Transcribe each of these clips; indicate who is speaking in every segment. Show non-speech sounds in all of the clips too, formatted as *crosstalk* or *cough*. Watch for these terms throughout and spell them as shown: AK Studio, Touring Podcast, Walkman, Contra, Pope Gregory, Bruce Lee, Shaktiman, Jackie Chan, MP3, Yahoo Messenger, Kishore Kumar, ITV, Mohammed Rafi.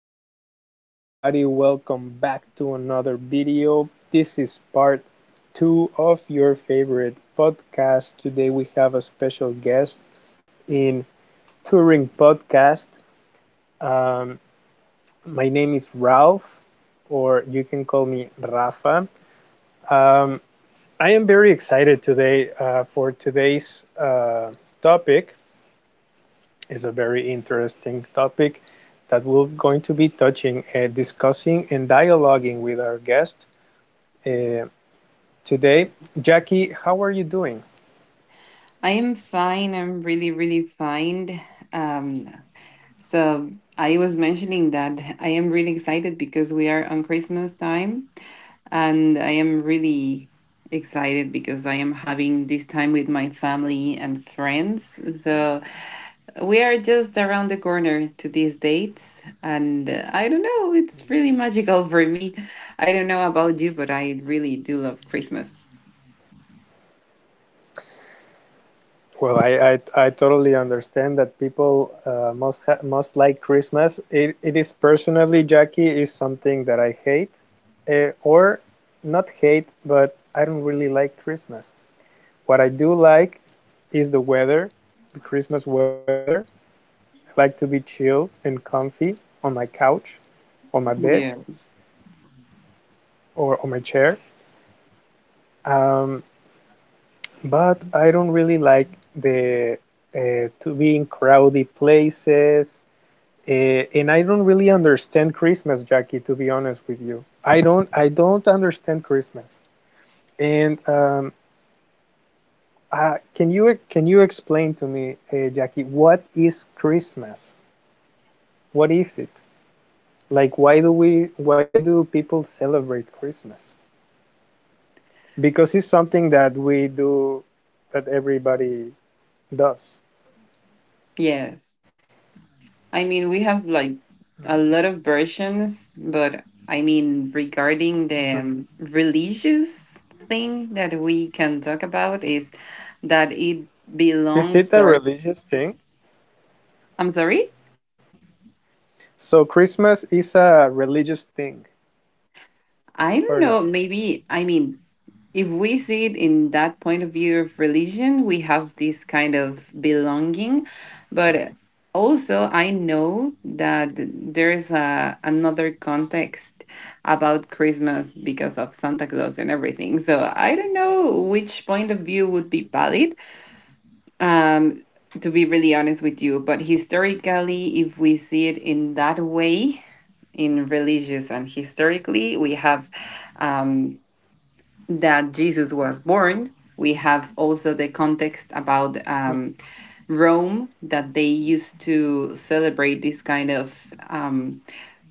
Speaker 1: Hello everybody, welcome back to another video. This is part 2 of your favorite podcast. Today we have a special guest in Touring Podcast. Um, my name is Ralph, or you can call me Rafa. Um, I am very excited today for today's topic. It's a very interesting topic that we're going to be touching, discussing, and dialoguing with our guest uh, today. Jackie, how are you doing?
Speaker 2: I am fine. I'm really, really fine. Um, so I was mentioning that I am really excited because we are on Christmas time, and I am really excited because I am having this time with my family and friends. So we are just around the corner to these dates, and I don't know. It's really magical for me. I don't know about you, but I really do love Christmas.
Speaker 1: Well, I totally understand that people must like Christmas. It is personally, Jackie, is something that I hate, or not hate, but I don't really like Christmas. What I do like is the weather, the Christmas weather. I like to be chill and comfy on my couch, on my bed,
Speaker 2: Yeah.
Speaker 1: or on my chair. Um, But I don't really like the to be in crowded places, and I don't really understand Christmas, Jackie. To be honest with you, I don't. I don't understand Christmas. And can you explain to me, Jackie, what is Christmas? What is it? Like, why do we? Why do people celebrate Christmas? Because it's something that we do, that everybody does.
Speaker 2: Yes. I mean, we have like a lot of versions, but I mean, regarding the
Speaker 1: Mhm.
Speaker 2: religious thing that we can talk about is that it
Speaker 1: Is it
Speaker 2: belongs
Speaker 1: a
Speaker 2: or
Speaker 1: religious thing?
Speaker 2: I'm sorry,
Speaker 1: So Christmas is a religious thing, or
Speaker 2: I
Speaker 1: no?
Speaker 2: don't know, maybe I mean, if we see it in that point of view of religion, we have this kind of belonging. But also, I know that there's another context about Christmas because of Santa Claus and everything. So I don't know which point of view would be valid. Um, to be really honest with you, but historically, if we see it in that way, in religious and historically, we have um, that Jesus was born. We have also the context about Rome that they used to celebrate this kind of um,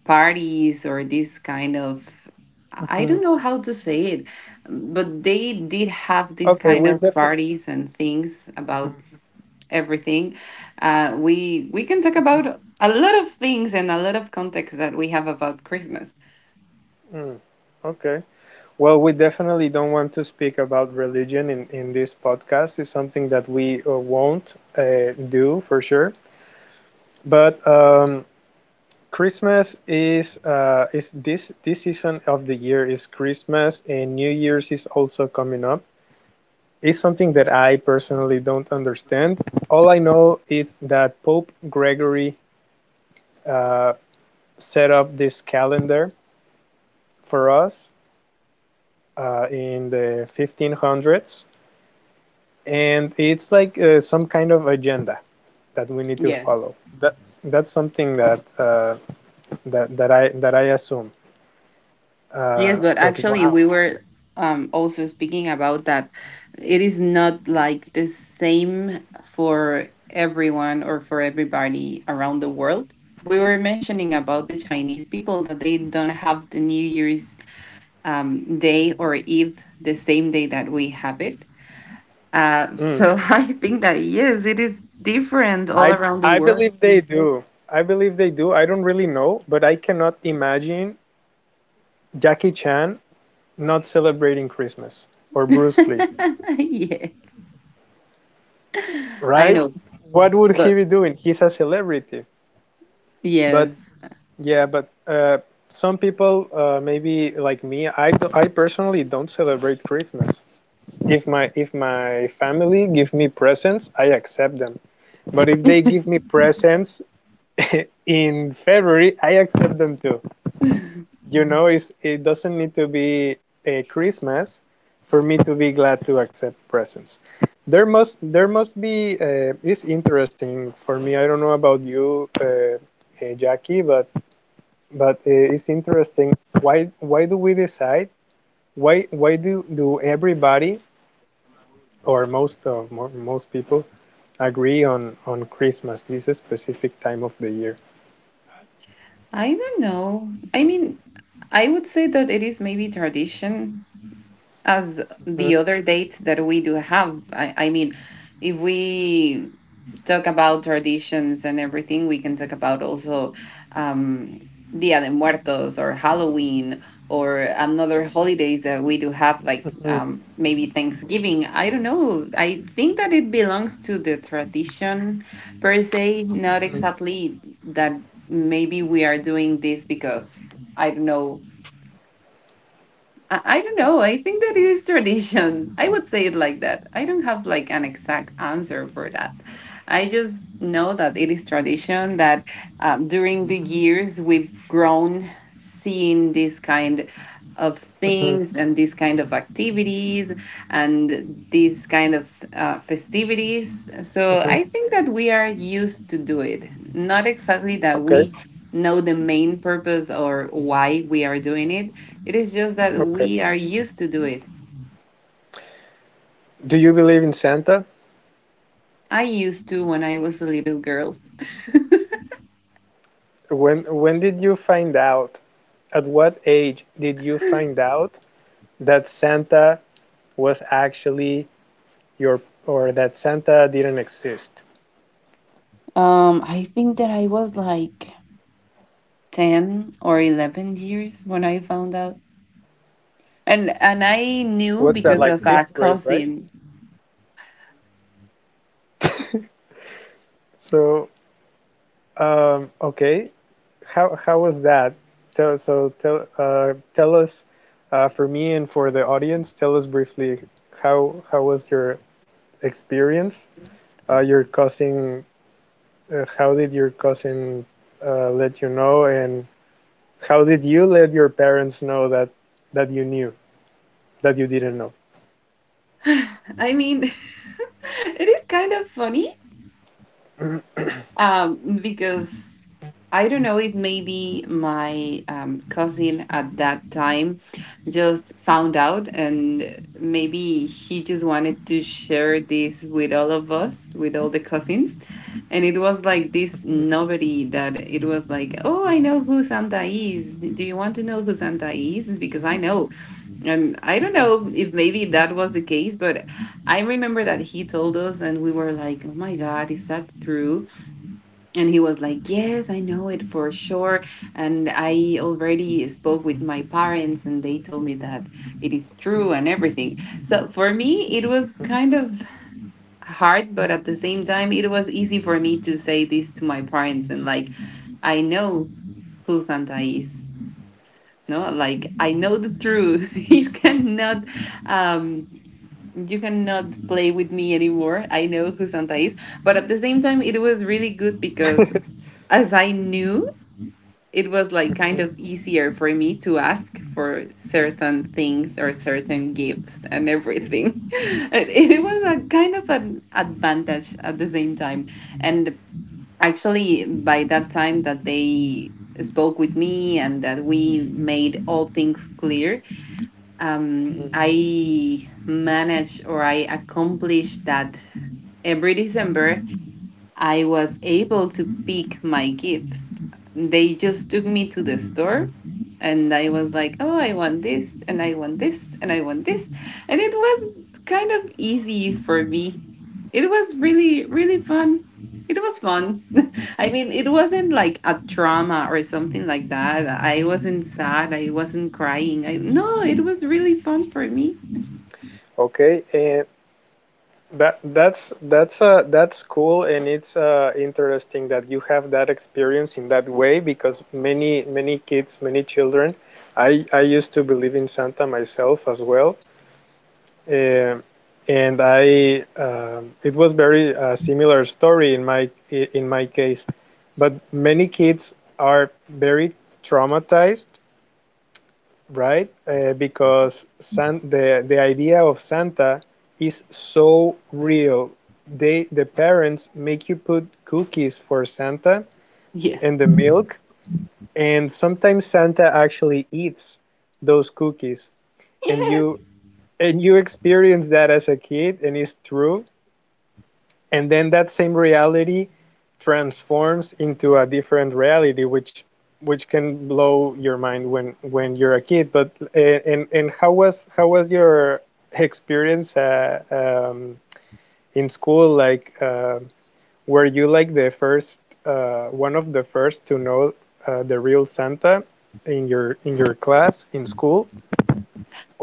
Speaker 2: parties or this kind of I
Speaker 1: Mhm.
Speaker 2: don't know how to say it, but they did have this
Speaker 1: Okay,
Speaker 2: kind
Speaker 1: we
Speaker 2: of
Speaker 1: definitely.
Speaker 2: parties and things
Speaker 1: Mhm.
Speaker 2: about everything. We can talk about a lot of things and a lot of context that we have about Christmas.
Speaker 1: Mhm, okay. Well, we definitely don't want to speak about religion in this podcast. It's something that we won't do for sure. But Christmas is this this season of the year is Christmas, and New Year's is also coming up. It's something that I personally don't understand. All I know is that Pope Gregory uh, set up this calendar for us in the 1500s, and it's like some kind of agenda that we need to
Speaker 2: Yes.
Speaker 1: follow. That that's something that I assume.
Speaker 2: Yes,
Speaker 1: Uh,
Speaker 2: but
Speaker 1: but
Speaker 2: actually
Speaker 1: wow.
Speaker 2: we were also speaking about that it is not like the same for everyone or for everybody around the world. We were mentioning about the Chinese people that they don't have the New Year's day or Eve the same day that we have it. Uh,
Speaker 1: Mm,
Speaker 2: so *laughs* I think that yes, it is different all
Speaker 1: I
Speaker 2: around the
Speaker 1: I
Speaker 2: world.
Speaker 1: believe they do. I believe they do. I don't really know, but I cannot imagine Jackie Chan not celebrating Christmas, or Bruce Lee,
Speaker 2: *laughs* Yes, I
Speaker 1: right?
Speaker 2: know,
Speaker 1: What would
Speaker 2: but
Speaker 1: he be doing? He's a celebrity. But
Speaker 2: yes.
Speaker 1: yeah, but some people, maybe like me, I personally don't celebrate Christmas. If my family give me presents, I accept them. But
Speaker 2: *laughs*
Speaker 1: if they
Speaker 2: I
Speaker 1: give me presents *laughs* in February, I accept them too. You know, it doesn't need to be a Christmas for me to be glad to accept presents. There must be it's interesting for me. I don't know about you, Jackie, but it's interesting why do we decide why do everybody or most people agree on Christmas this specific time of the year.
Speaker 2: don't know. I mean, I would say that it is maybe tradition as
Speaker 1: Mhm,
Speaker 2: the other dates that we do have. I mean, if we talk about traditions and everything, we can talk about also um, Dia de Muertos or Halloween or another holidays that we do have, like
Speaker 1: mhm,
Speaker 2: maybe Thanksgiving. I don't know. I think that it belongs to the tradition per se, not
Speaker 1: mhm,
Speaker 2: exactly that maybe we are doing this because I don't know I don't know. I think that it is tradition. I would say it like that. I don't have like an exact answer for that. I just know that it is tradition that during the years we've grown seeing this kind of things
Speaker 1: mhm,
Speaker 2: and these kind of activities and these kind of festivities. So
Speaker 1: mhm,
Speaker 2: I think that we are used to do it. Not exactly that
Speaker 1: okay.
Speaker 2: we know the main purpose or why we are doing it, it is just that
Speaker 1: Okay,
Speaker 2: we are used to do it.
Speaker 1: do you believe in Santa?
Speaker 2: I used to when I was a little girl.
Speaker 1: When did you find out, at what age did you find out that Santa was actually your, or that Santa didn't exist?
Speaker 2: I think that I was like 10 or 11 years when I found out. And I knew
Speaker 1: What's that,
Speaker 2: because
Speaker 1: like
Speaker 2: of our
Speaker 1: fifth grade, right?
Speaker 2: cousin.
Speaker 1: So okay. How was that? So tell us, for me and for the audience. Tell us briefly how was your experience? Your cousin. How did your cousin let you know, and how did you let your parents know that you knew, that you didn't know?
Speaker 2: *sighs* I mean, *laughs* it is kind of funny. Because I don't know if maybe my cousin at that time just found out, and maybe he just wanted to share this with all of us, with all the cousins. And it was like this novelty that it was like, oh, I know who Santa is. Do you want to know who Santa is? It's because I know. And I don't know if maybe that was the case, but I remember that he told us, and we were like, oh my God, is that true? And he was like, yes, I know it for sure, and I already spoke with my parents and they told me that it is true and everything. So for me it was kind of hard, but at the same time it was easy for me to say this to my parents and like, I know who Santa is. No, like, I know the truth. *laughs* You cannot um you cannot play with me anymore. I know who Santa is. But at the same time it was really good because as I knew, it was like kind of
Speaker 1: *laughs*
Speaker 2: easier for me to ask for certain things or certain gifts and everything. *laughs* It was a kind of an advantage at the same time. And actually, by that time that they spoke with me and that we made all things clear, I managed or I accomplished that every December I was able to pick my gifts. They just took me to the store and I was like, oh, I want this and I want this and I want this. And it was kind of easy for me. It was really, really fun. It was fun. *laughs* I mean, it wasn't like a trauma or something like that. I wasn't sad. I wasn't crying. I no, it was really fun for me.
Speaker 1: Okay. And that's cool, and it's interesting that you have that experience in that way. Because many kids, many children, I used to believe in Santa myself as well. Um and I it was very similar story in my case. But many kids are very traumatized, right? Because the idea of Santa is so real. The parents make you put cookies for Santa
Speaker 2: Yes.
Speaker 1: and
Speaker 2: *laughs*
Speaker 1: the milk, and sometimes Santa actually eats those cookies, and
Speaker 2: Yes.
Speaker 1: you experience that as a kid, and it's true. And then that same reality transforms into a different reality, which can blow your mind when you're a kid. But and how was your experience in school, like, were you like the first, one of the first to know the real Santa in your class in school,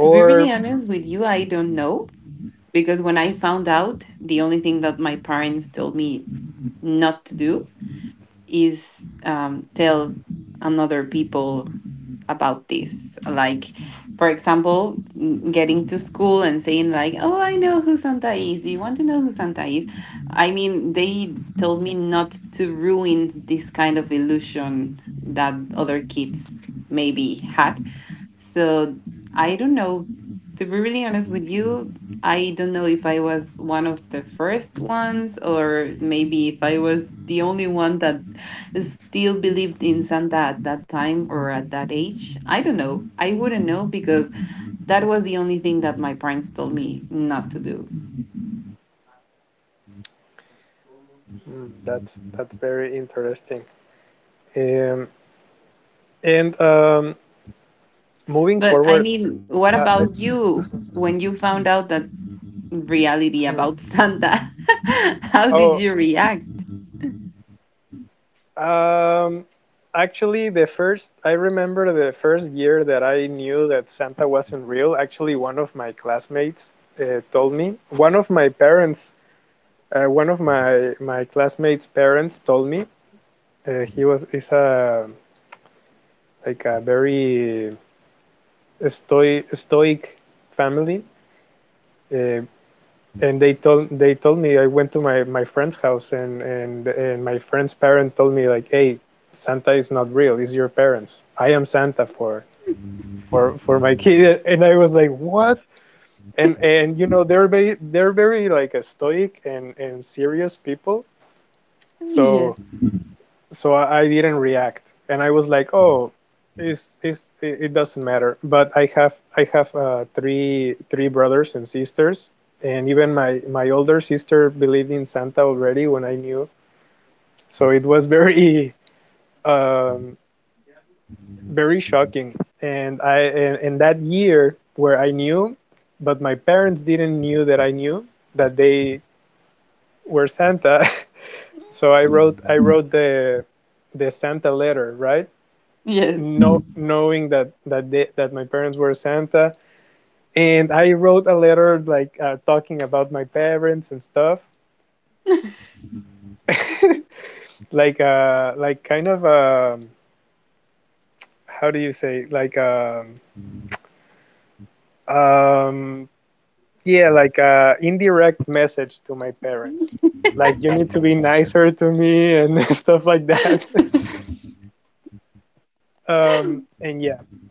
Speaker 2: To be really honest with you, I don't know because when I found out, the only thing that my parents told me not to do is tell another people about this. Like, for example, getting to school and saying like, "Oh, I know who Santa is. Do you want to know who Santa is?" I mean, they told me not to ruin this kind of illusion that other kids maybe had, so I don't know. To be really honest with you, I don't know if I was one of the first ones or maybe if I was the only one that still believed in Santa at that time or at that age. I don't know. I wouldn't know because that was the only thing that my parents told me not to do.
Speaker 1: mm, that's very interesting. Um, and Moving
Speaker 2: But I
Speaker 1: forward,
Speaker 2: mean,
Speaker 1: uh,
Speaker 2: what
Speaker 1: I,
Speaker 2: about you when you found out that reality
Speaker 1: *laughs*
Speaker 2: about Santa? *laughs* How did
Speaker 1: oh,
Speaker 2: you react?
Speaker 1: um, actually, the first I remember the first year that I knew that Santa wasn't real. Actually, one of my classmates told me. One of my parents, one of my my classmates' parents told me. He was is a like a very stoic family. Uh, and they told me. I went to my friend's house, and, and my friend's parent told me like, "Hey, Santa is not real. It's your parents. I am Santa for my kid." *laughs* And I was like, what? And you know they're very like a stoic and serious people.
Speaker 2: Yes.
Speaker 1: So so I didn't react, and I was like, "Oh, it doesn't matter." But I have three brothers and sisters, and even my older sister believed in Santa already when I knew, so it was very *laughs* um, very shocking. And that year where I knew, but my parents didn't knew that I knew that they were Santa, *laughs* so I wrote the Santa letter, right?
Speaker 2: Yes.
Speaker 1: No, knowing that that my parents were Santa, and I wrote a letter like talking about my parents and stuff, *laughs* like kind of how do you say like um yeah, like a indirect message to my parents like, "You need to be nicer to me," and *laughs* stuff like that.
Speaker 2: *laughs*
Speaker 1: *laughs* And yeah,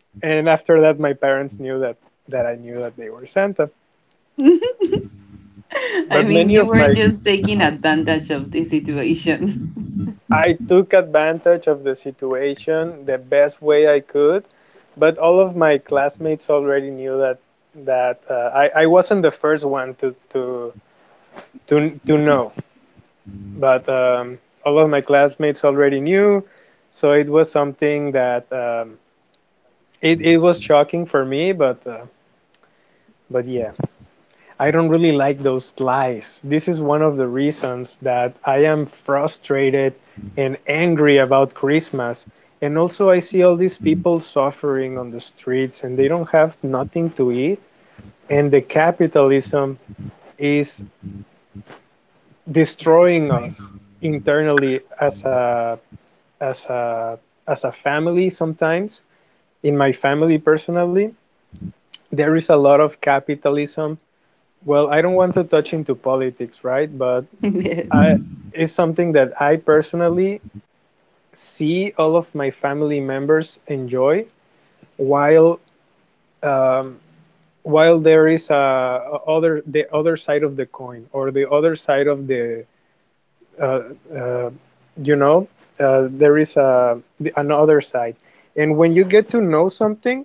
Speaker 1: and after that my parents knew that that I knew that they were Santa.
Speaker 2: *laughs* I
Speaker 1: But
Speaker 2: mean,
Speaker 1: many
Speaker 2: you
Speaker 1: of
Speaker 2: were
Speaker 1: my
Speaker 2: just taking
Speaker 1: uh-huh.
Speaker 2: advantage of the situation.
Speaker 1: I took advantage of the situation the best way I could, but all of my classmates already knew that I wasn't the first one to know, but all of my classmates already knew, so it was something that it was shocking for me, but yeah, I don't really like those lies. This is one of the reasons that I am frustrated and angry about Christmas. And also, I see all these people suffering on the streets, and they don't have nothing to eat. And the capitalism is destroying us internally as a as a as a family. Sometimes in my family personally there is a lot of capitalism. Well, I don't want to touch into politics, right? But
Speaker 2: *laughs* Yes.
Speaker 1: I, is something that I personally see all of my family members enjoy, while um, while there is a other, the other side of the coin, or the other side of the uh, uh, you know, there is a another side. And when you get to know something,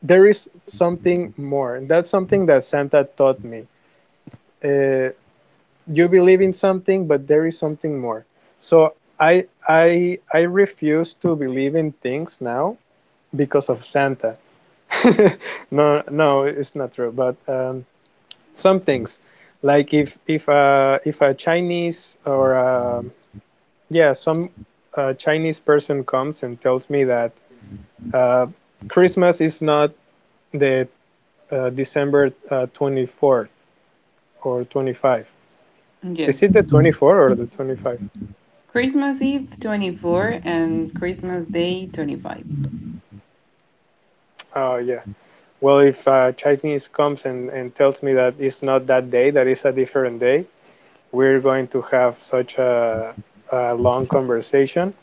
Speaker 1: there is something more, and that's something that Santa taught me. uh, you believe in something, but there is something more. So I refuse to believe in things now because of Santa. *laughs* No, no, it's not true. But some things, like if a Chinese, or yeah some Chinese person comes and tells me that uh, Christmas is not the December 24th or 25, is
Speaker 2: Yes.
Speaker 1: it the 24 or the 25?
Speaker 2: Christmas Eve 24 and Christmas Day 25.
Speaker 1: Oh yeah. Well, if Chinese comes and tells me that it's not that day, that it's a different day, we're going to have such a long conversation.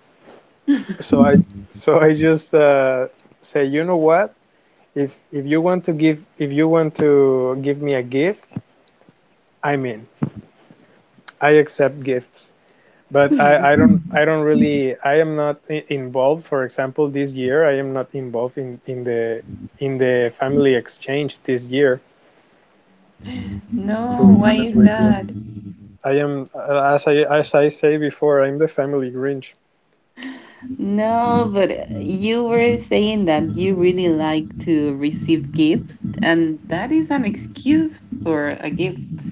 Speaker 1: So I, so I just say, you know what, if you want to give, if you want to give me a gift, I'm in. I accept gifts, but I don't, I don't really I am not involved. For example, this year I am not involved in the family exchange this year.
Speaker 2: *laughs*
Speaker 1: To
Speaker 2: No,
Speaker 1: be
Speaker 2: why
Speaker 1: honest
Speaker 2: is
Speaker 1: with you,
Speaker 2: that?
Speaker 1: I am, as I say before, I'm the family Grinch.
Speaker 2: No, but you were saying that you really like to receive gifts, and that is an excuse for a gift.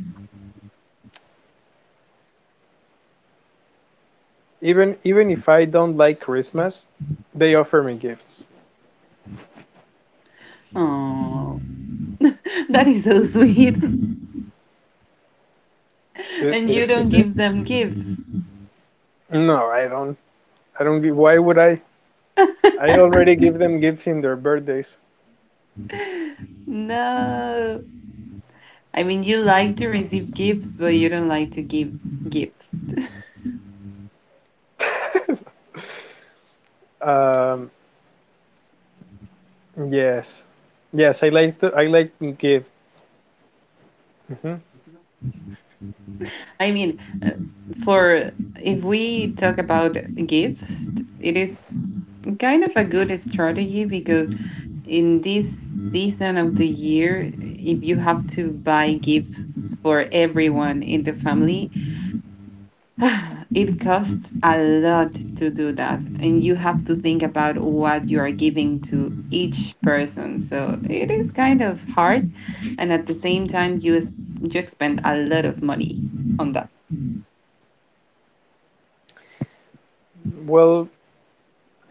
Speaker 1: Even even if I don't like Christmas, they offer me gifts.
Speaker 2: Oh, *laughs* that is so sweet. *laughs*
Speaker 1: Is,
Speaker 2: And you don't
Speaker 1: is it?
Speaker 2: give them gifts.
Speaker 1: No, I don't. I don't give. Why would I? I
Speaker 2: *laughs*
Speaker 1: already give them gifts in their birthdays.
Speaker 2: *laughs* No. I mean, you like to receive gifts, but you don't like to give gifts.
Speaker 1: Um, yes, yes. I like to. I like gift. Hmm.
Speaker 2: I mean, for if we talk about gifts, it is kind of a good strategy because in this season of the year, if you have to buy gifts for everyone in the family, *sighs* it costs a lot to do that, and you have to think about what you are giving to each person. So it is kind of hard, and at the same time, you expend a lot of money on that.
Speaker 1: Well,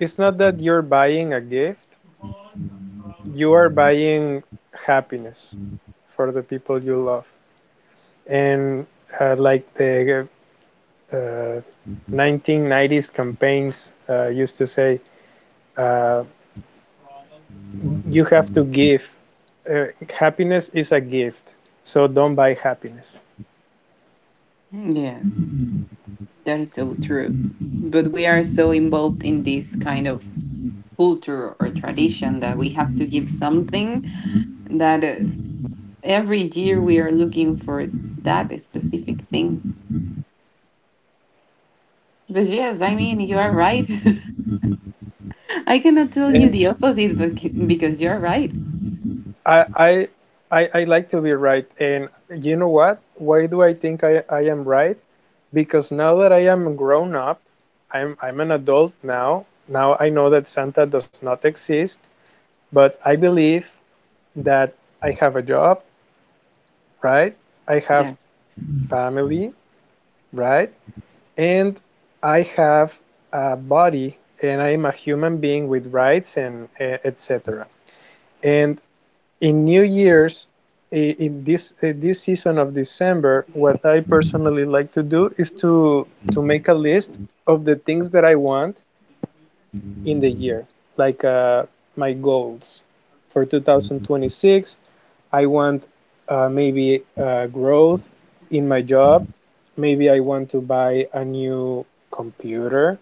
Speaker 1: it's not that you're buying a gift. You are buying happiness for the people you love, and like the uh, 1990s campaigns used to say, uh, you have to give. Happiness is a gift, so don't buy happiness.
Speaker 2: Yeah, that is so true. But we are so involved in this kind of culture or tradition that we have to give something that every year we are looking for that specific thing. But yes, I mean, you are right. *laughs* I cannot tell you the
Speaker 1: And
Speaker 2: opposite, because you're right.
Speaker 1: I, I I like to be right. And you know what? Why do I think I am right? Because now that I am grown up, I'm an adult now. Now I know that Santa does not exist, but I believe that I have a job, right? I have
Speaker 2: Yes.
Speaker 1: family, right? And I have a body, and I am a human being with rights and etc. And in New Year's, in this season of December, what I personally like to do is to make a list of the things that I want in the year, like uh, my goals for 2026. I want maybe growth in my job. Maybe I want to buy a new computer,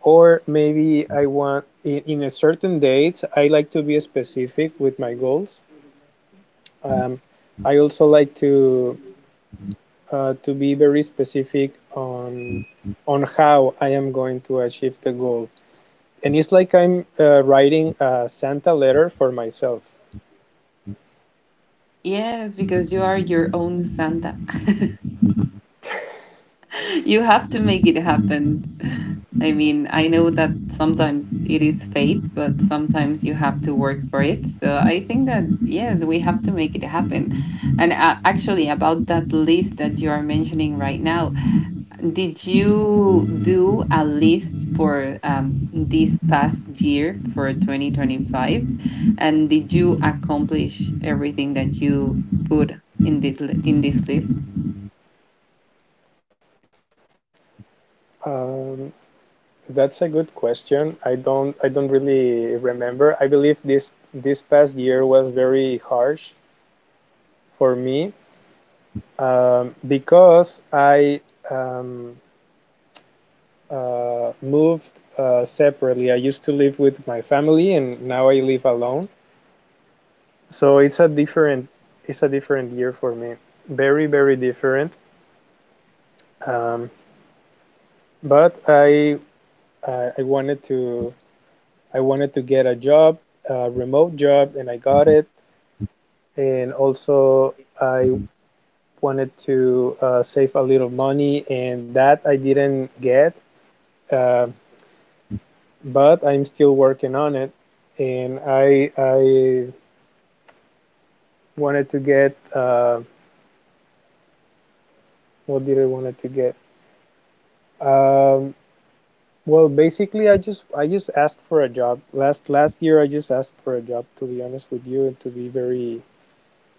Speaker 1: or maybe I want in a certain date. I like to be specific with my goals. Um, I also like to be very specific on how I am going to achieve the goal. And it's like I'm writing a Santa letter for myself.
Speaker 2: Yes, because you are your own Santa. *laughs* You have to make it happen. I mean, I know that sometimes it is fate, but sometimes you have to work for it. So I think that, yes, we have to make it happen. And actually, about that list that you are mentioning right now, did you do a list for this past year for 2025? And did you accomplish everything that you put in this list?
Speaker 1: Um, that's a good question. I don't really remember. I believe this past year was very harsh for me, because I um, moved separately. I used to live with my family, and now I live alone. So it's a different, it's a different year for me. Very, very different. Um, but I wanted to, I wanted to get a job, a remote job, and I got it. And also I wanted to save a little money, and that I didn't get. Uh, but I'm still working on it. And I wanted to get, what did I wanted to get? Um, well, basically, I just asked for a job last year. I just asked for a job, to be honest with you, and to be very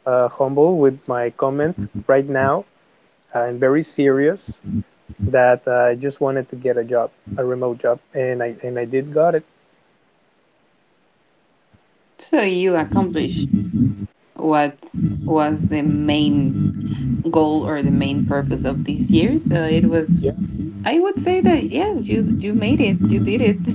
Speaker 1: humble with my comments right now. I'm very serious that I just wanted to get a job, a remote job, and I did got it.
Speaker 2: So you accomplished what was the main goal or the main purpose of this year. So it was,
Speaker 1: Yeah,
Speaker 2: I would say that yes, you made it, you did it,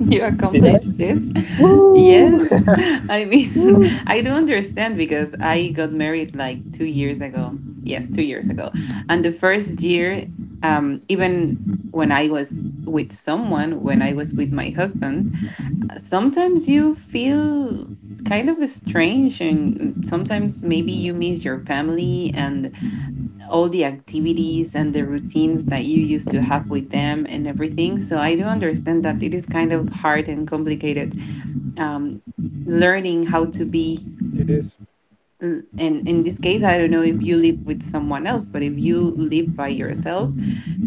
Speaker 2: *laughs* you
Speaker 1: did I?
Speaker 2: accomplished this.
Speaker 1: Woo!
Speaker 2: Yes. *laughs* I mean,
Speaker 1: *laughs*
Speaker 2: *laughs*
Speaker 1: Woo!
Speaker 2: I do understand because I got married like 2 years ago. Yes, 2 years ago. And the first year, even when I was with someone, when I was with my husband, sometimes you feel kind of strange and sometimes maybe you miss your family and all the activities and the routines that you used to have with them and everything. So I do understand that it is kind of hard and complicated, um, learning how to be.
Speaker 1: It is.
Speaker 2: And in this case, I don't know if you live with someone else, but if you live by yourself,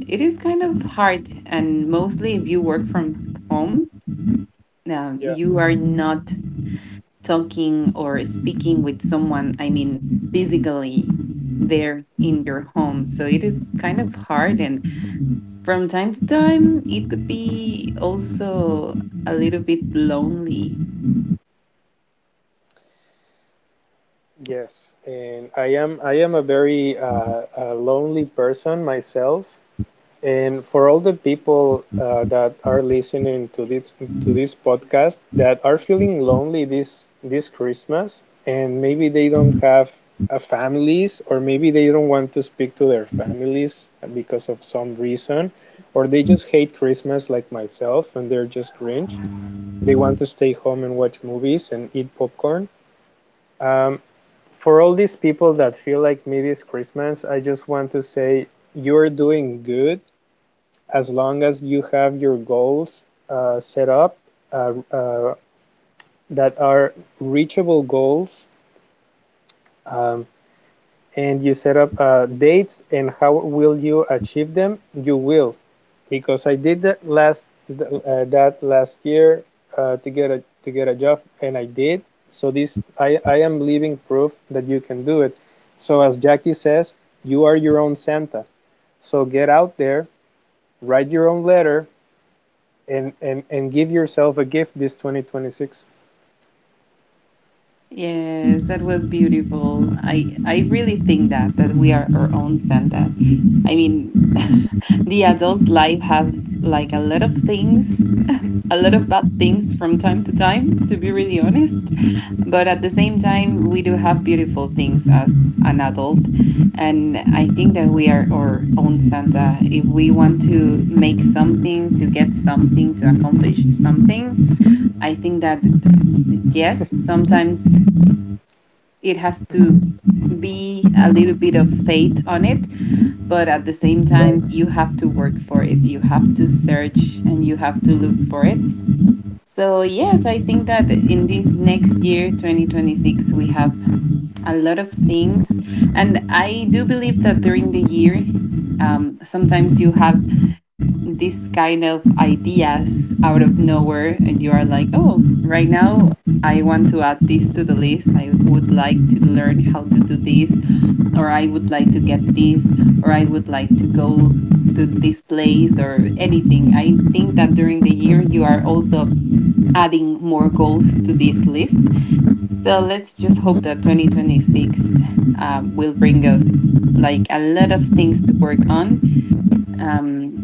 Speaker 2: it is kind of hard, and mostly if you work from home,
Speaker 1: Yeah.
Speaker 2: you are not talking or speaking with someone, I mean, physically there in your home. So it is kind of hard, and from time to time it could be also a little bit lonely.
Speaker 1: Yes, and I am a very lonely person myself. And for all the people that are listening to this podcast, that are feeling lonely this Christmas, and maybe they don't have families, or maybe they don't want to speak to their families because of some reason, or they just hate Christmas like myself, and they're just cringe. They want to stay home and watch movies and eat popcorn. Um, for all these people that feel like mid is Christmas, I just want to say you're doing good, as long as you have your goals set up, uh, uh, that are reachable goals, um, and you set up dates and how will you achieve them, you will. Because I did that last year, to get a, to get a job, and I did. So this, I am living proof that you can do it. So as Jackie says, you are your own Santa. So get out there, write your own letter, and give yourself a gift this 2026.
Speaker 2: Yes, that was beautiful. I really think that that we are our own Santa. I mean, *laughs* the adult life has like a lot of things, a lot of bad things from time to time, to be really honest. But at the same time, we do have beautiful things as an adult, and I think that we are our own Santa. If we want to make something, to get something, to accomplish something, I think that yes, sometimes it has to
Speaker 1: *laughs*
Speaker 2: be a little bit of faith on it, but at the same
Speaker 1: Right,
Speaker 2: time you have to work for it. You have to search and you have to look for it. So yes, I think that in this next year 2026 we have a lot of things, and I do believe that during the year sometimes you have this kind of ideas out of nowhere and you are like, oh, right now I want to add this to the list. I would like to learn how to do this, or I would like to get this, or I would like to go to this place, or anything. I think that during the year, you are also adding more goals to this list. So let's just hope that 2026 will bring us like a lot of things to work on, um,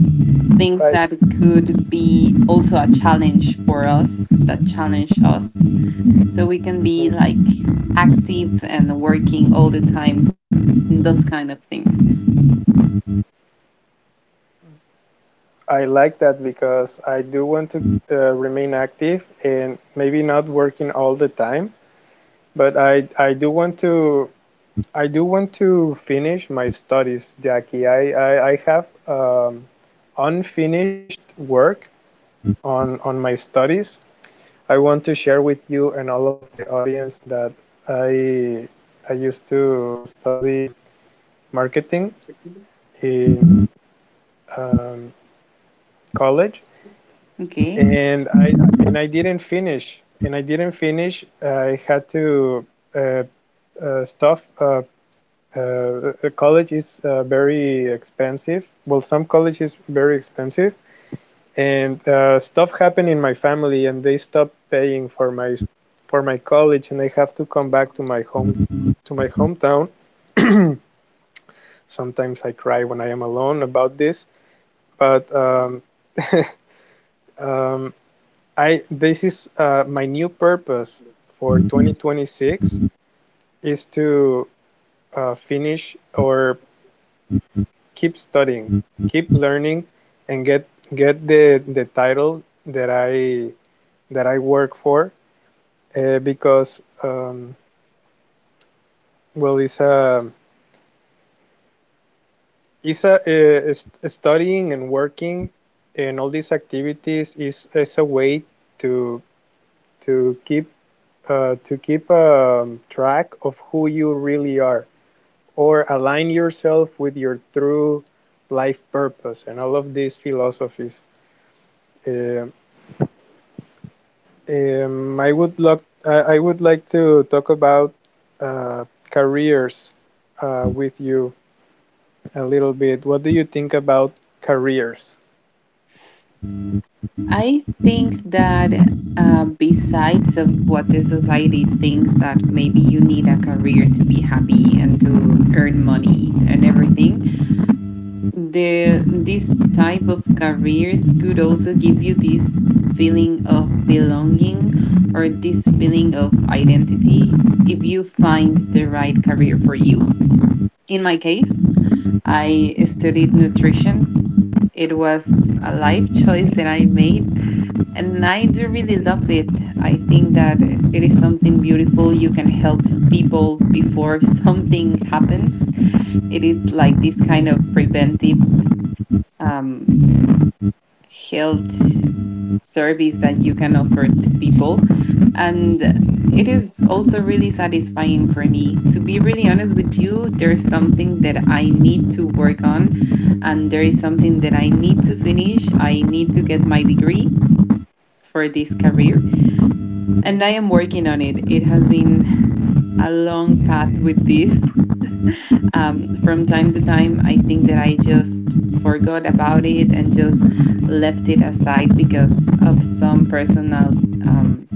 Speaker 2: things that
Speaker 1: right.
Speaker 2: could be also a challenge for us, that challenge us. So we can be
Speaker 1: Mm-hmm.
Speaker 2: like active and working all the time in those kind of things.
Speaker 1: I like that because I do want to remain active and maybe not working all the time, but I do want to, I do want to finish my studies, Jackie. I have unfinished work on, my studies. I want to share with you and all of the audience that I, I used to study marketing in um, college,
Speaker 2: Okay.
Speaker 1: and I, and I didn't finish. And I didn't finish. I had to uh, stuff, college is very expensive. Well, some college is very expensive, and stuff happened in my family, and they stopped paying for my, for my college, and I have to come back to my home, to my hometown. Sometimes I cry when I am alone about this, but um, I, this is my new purpose for 2026. Is to finish, or keep studying, keep learning, and get the title that I, that I work for, because well, studying and working and all these activities is a way to, to keep to keep track of who you really are, or align yourself with your true life purpose and all of these philosophies. Uh, I would love, I would like to talk about uh, careers with you a little bit. What do you think about careers?
Speaker 2: I think that besides of what the society thinks that maybe you need a career to be happy and to earn money and everything, the this type of careers could also give you this feeling of belonging or this feeling of identity if you find the right career for you. In my case, I studied nutrition. It was a life choice that I made. And I do really love it. I think that it is something beautiful. You can help people before *laughs* something happens. It is like this kind of preventive um, health service that you can offer to people. And it is also really satisfying for me. To be really honest with you, there's something that I need to work on, and there is something that I need to finish. I need to get my degree for this career,
Speaker 1: Mm.
Speaker 2: and I am working on it. It has been a long path with this. From time to time, I think that I just forgot about it and just left it aside because of some personal um,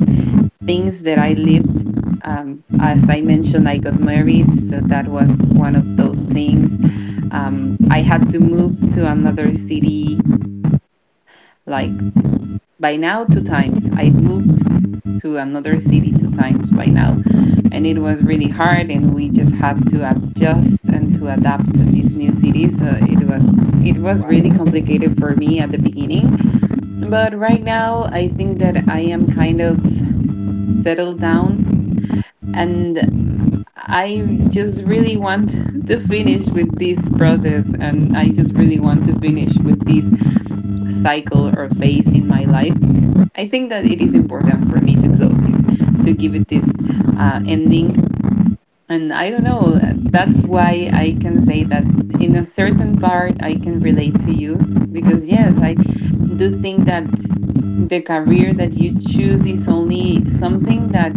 Speaker 2: things that I lived. As I mentioned, I got married, so that was one of those things. I had to move to another city, like by now, two times. I've moved to another city two times by now, and it was really hard, and we just had to adjust and to adapt to these new cities. So it was really
Speaker 1: Wow.
Speaker 2: complicated for me at the beginning, but right now I think that I am kind of settled down, and I just really want *laughs* to finish with this process, and I just really want to finish with this cycle or phase in my life. I think that it is important for me to close it, to give it this ending. And I don't know, that's why I can say that in a certain part I can relate to you because, yes, I do think that the career that you choose is only something that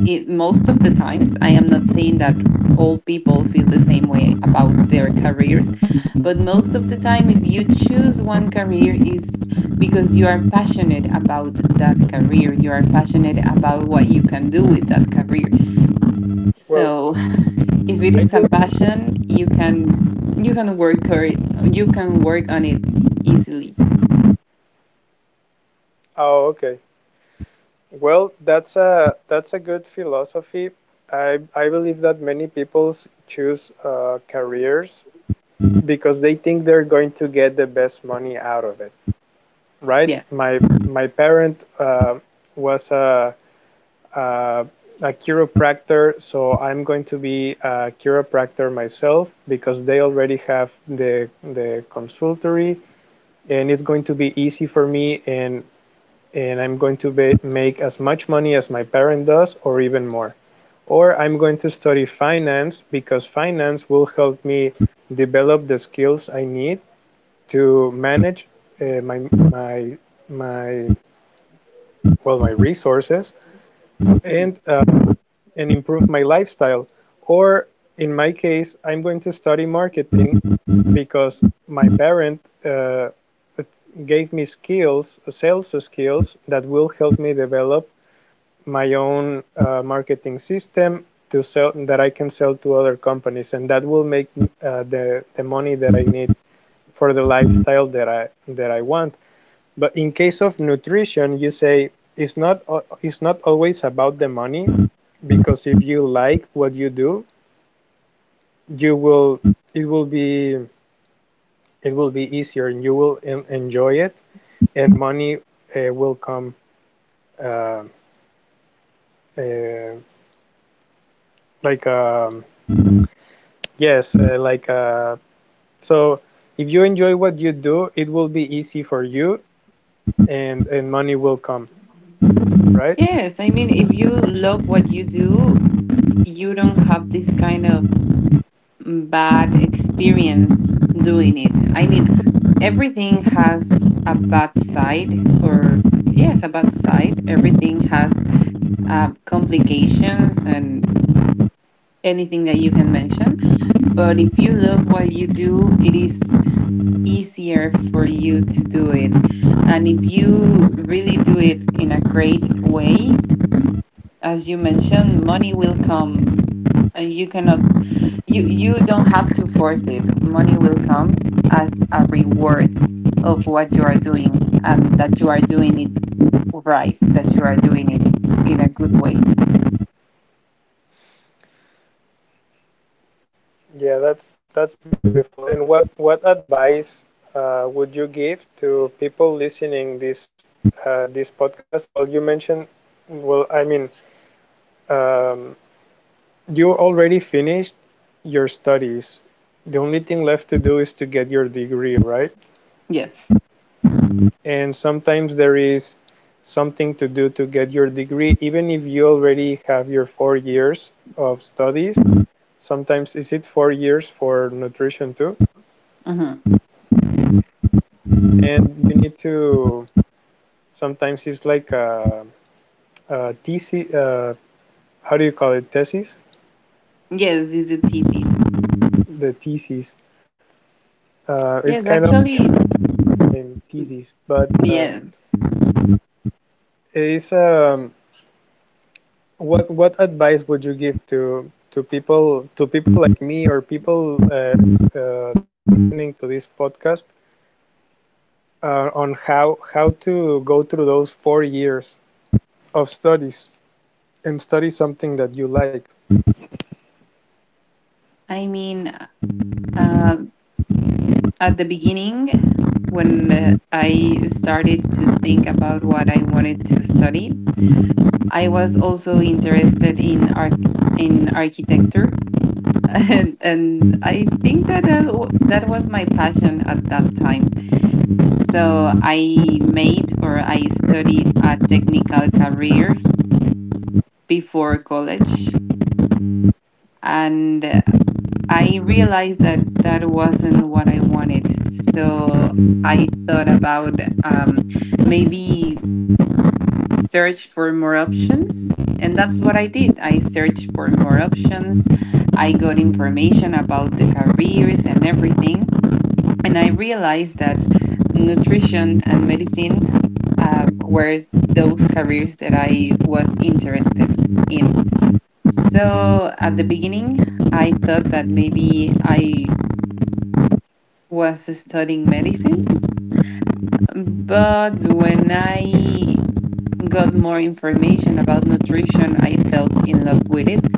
Speaker 2: it, most of the times, I am not saying that all people feel the same way about their careers, but most of the time, if you choose one career, is because you are passionate about that career. You are passionate about what you can do with that career.
Speaker 1: Well,
Speaker 2: So if it
Speaker 1: I
Speaker 2: is a
Speaker 1: believe.
Speaker 2: passion, you can work or you can work on it easily.
Speaker 1: Oh, okay. Well, that's a, that's a good philosophy. I believe that many people choose careers because they think they're going to get the best money out of it, right?
Speaker 2: Yeah.
Speaker 1: My parent was a, uh, a chiropractor, so I'm going to be a chiropractor myself because they already have the consultory, and it's going to be easy for me, and I'm going to be, make as much money as my parent does, or even more. Or I'm going to study finance, because finance will help me develop the skills I need to manage uh, my my my well, my resources,
Speaker 2: Yeah.
Speaker 1: and uh, and improve my lifestyle. Or in my case, I'm going to study marketing, because my parent gave me skills, sales skills that will help me develop my own marketing system to sell, that I can sell to other companies, and that will make the money that I need for the lifestyle that I, that I want. But in case of nutrition, you say it's not it's not always about the money, because if you like what you do, you will, it will be, it will be easier, and you will enjoy it, and money will come, uh, uh, like um, yes uh, like uh, so if you enjoy what you do, it will be easy for you, and money will come, right?
Speaker 2: Yes, I mean, if you love what you do, you don't have this kind of bad experience doing it. I mean, everything has a bad side, or yes, a bad side. Everything has complications and anything that you can mention. But if you love what you do, it is easier for you to do it. And if you really do it in a great way, as you mentioned, money will come. And you cannot you you don't have to force it. Money will come as a reward of what you are doing, and that you are doing it right, that you are doing it in a good way.
Speaker 1: Yeah, that's beautiful. And what advice would you give to people listening this, this podcast? Well, you mentioned, well, I mean, um, you already finished your studies. The only thing left to do is to get your degree, right?
Speaker 2: Yes.
Speaker 1: And sometimes there is something to do to get your degree, even if you already have your 4 years of studies. Sometimes, is it 4 years for nutrition too?
Speaker 2: Mm-hmm.
Speaker 1: And you need to, sometimes it's like a thesis. How do you call it? Thesis.
Speaker 2: Yes, is the thesis.
Speaker 1: The thesis. It's
Speaker 2: Yes,
Speaker 1: kind of
Speaker 2: actually,
Speaker 1: in thesis, but
Speaker 2: yes.
Speaker 1: it's. What advice would you give to people, to people like me, or people listening to this podcast, on how to go through those 4 years of studies, and study something that you like?
Speaker 2: I mean, uh, at the beginning, when I started to think about what I wanted to study, I was also interested in in architecture *laughs* and I think that that was my passion at that time. So I made, or I studied, a technical career before college. And I realized that that wasn't what I wanted. So I thought about maybe search for more options. And that's what I did. I searched for more options. I got information about the careers and everything. And I realized that nutrition and medicine were those careers that I was interested in. So at the beginning, I thought that maybe I was studying medicine. But when I got more information about nutrition, I felt in love with it.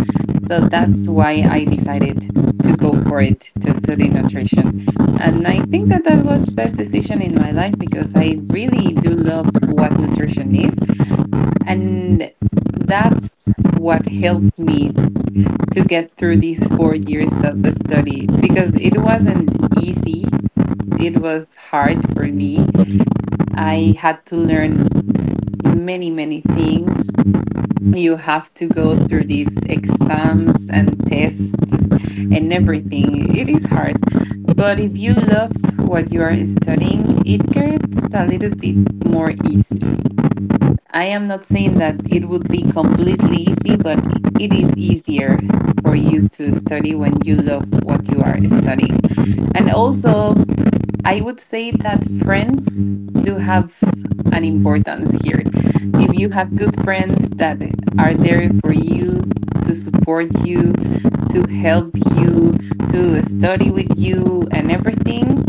Speaker 2: So that's why I decided to go for it, to study nutrition. And I think that that was the best decision in my life because I really do love what nutrition is. And that's what helped me to get through these 4 years of study, because it wasn't easy. It was hard for me. I had to learn many, many things. You have to go through these exams and tests and everything. It is hard. But if you love what you are studying, it gets a little bit more easy. I am not saying that it would be completely easy, but it is easier for you to study when you love what you are studying. And also, I would say that friends do have an importance here. If you have good friends that are there for you, to support you, to help you, to study with you, and everything,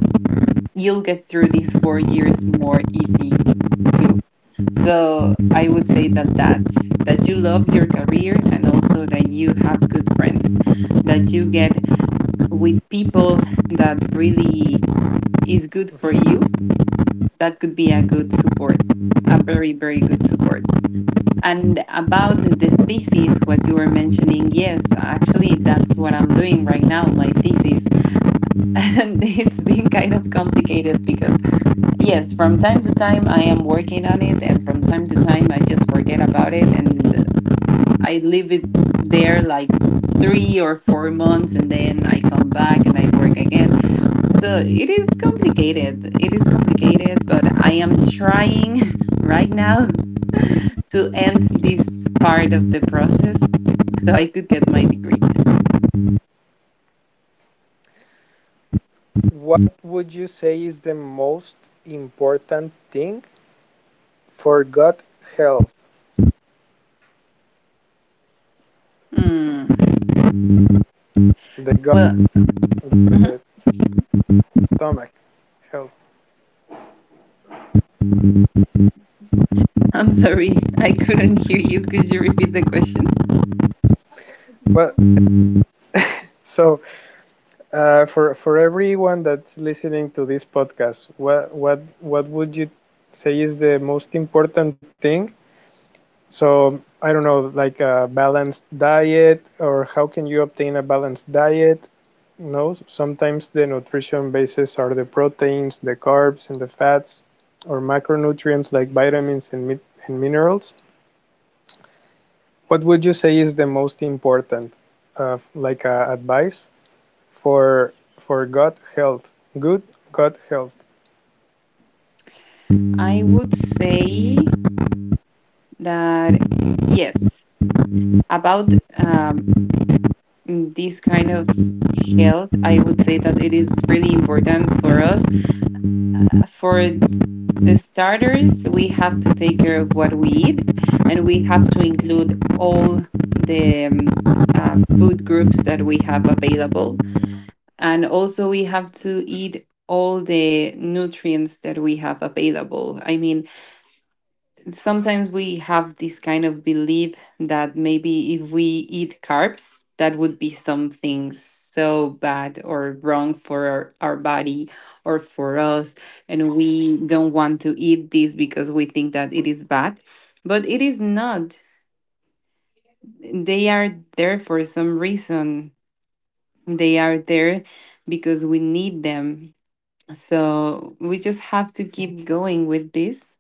Speaker 2: you'll get through these 4 years more easy too. So I would say that that you love your career, and also that you have good friends, that you get with people that really is good for
Speaker 1: Mm-hmm.
Speaker 2: you, that could be a good support, a very, very good support. And about the thesis, what you were mentioning, yes, actually, that's what I'm doing right now, my thesis. *laughs* And it's been kind of complicated because, yes, from time to time I am working on it, and from time to time I just forget about it and I leave it there like 3 or 4 months, and then I come back and I work again. So it is complicated. It is complicated, but I am trying *laughs* right now to end this part of the process, so I could get my degree.
Speaker 1: What would you say is the most important thing for gut health?
Speaker 2: Mm.
Speaker 1: The gut,
Speaker 2: Well, mhm.
Speaker 1: the stomach health.
Speaker 2: I'm sorry, *laughs* I couldn't hear you. Could you repeat the question?
Speaker 1: Well, so for everyone that's listening to this podcast, what would you say is the most important thing? So I don't know, like a balanced diet, or how can you obtain a balanced diet? No, sometimes the nutrition bases are the proteins, the carbs, and the fats, or macronutrients like vitamins and, mi- and minerals. What would you say is the most important, advice for for gut health, good gut health?
Speaker 2: I would say that yes, about this kind of health, I would say that it is really important for us. For the starters, we have to take care of what we eat, and we have to include all the food groups that we have available. And also, we have to eat all the nutrients that we have available. I mean, sometimes we have this kind of belief that maybe if we eat carbs, that would be something so bad or wrong for our body or for us. And we don't want to eat this because we think that it is bad. But it is not. They are there for some reason. They are there because we need them. So we just have to keep going with this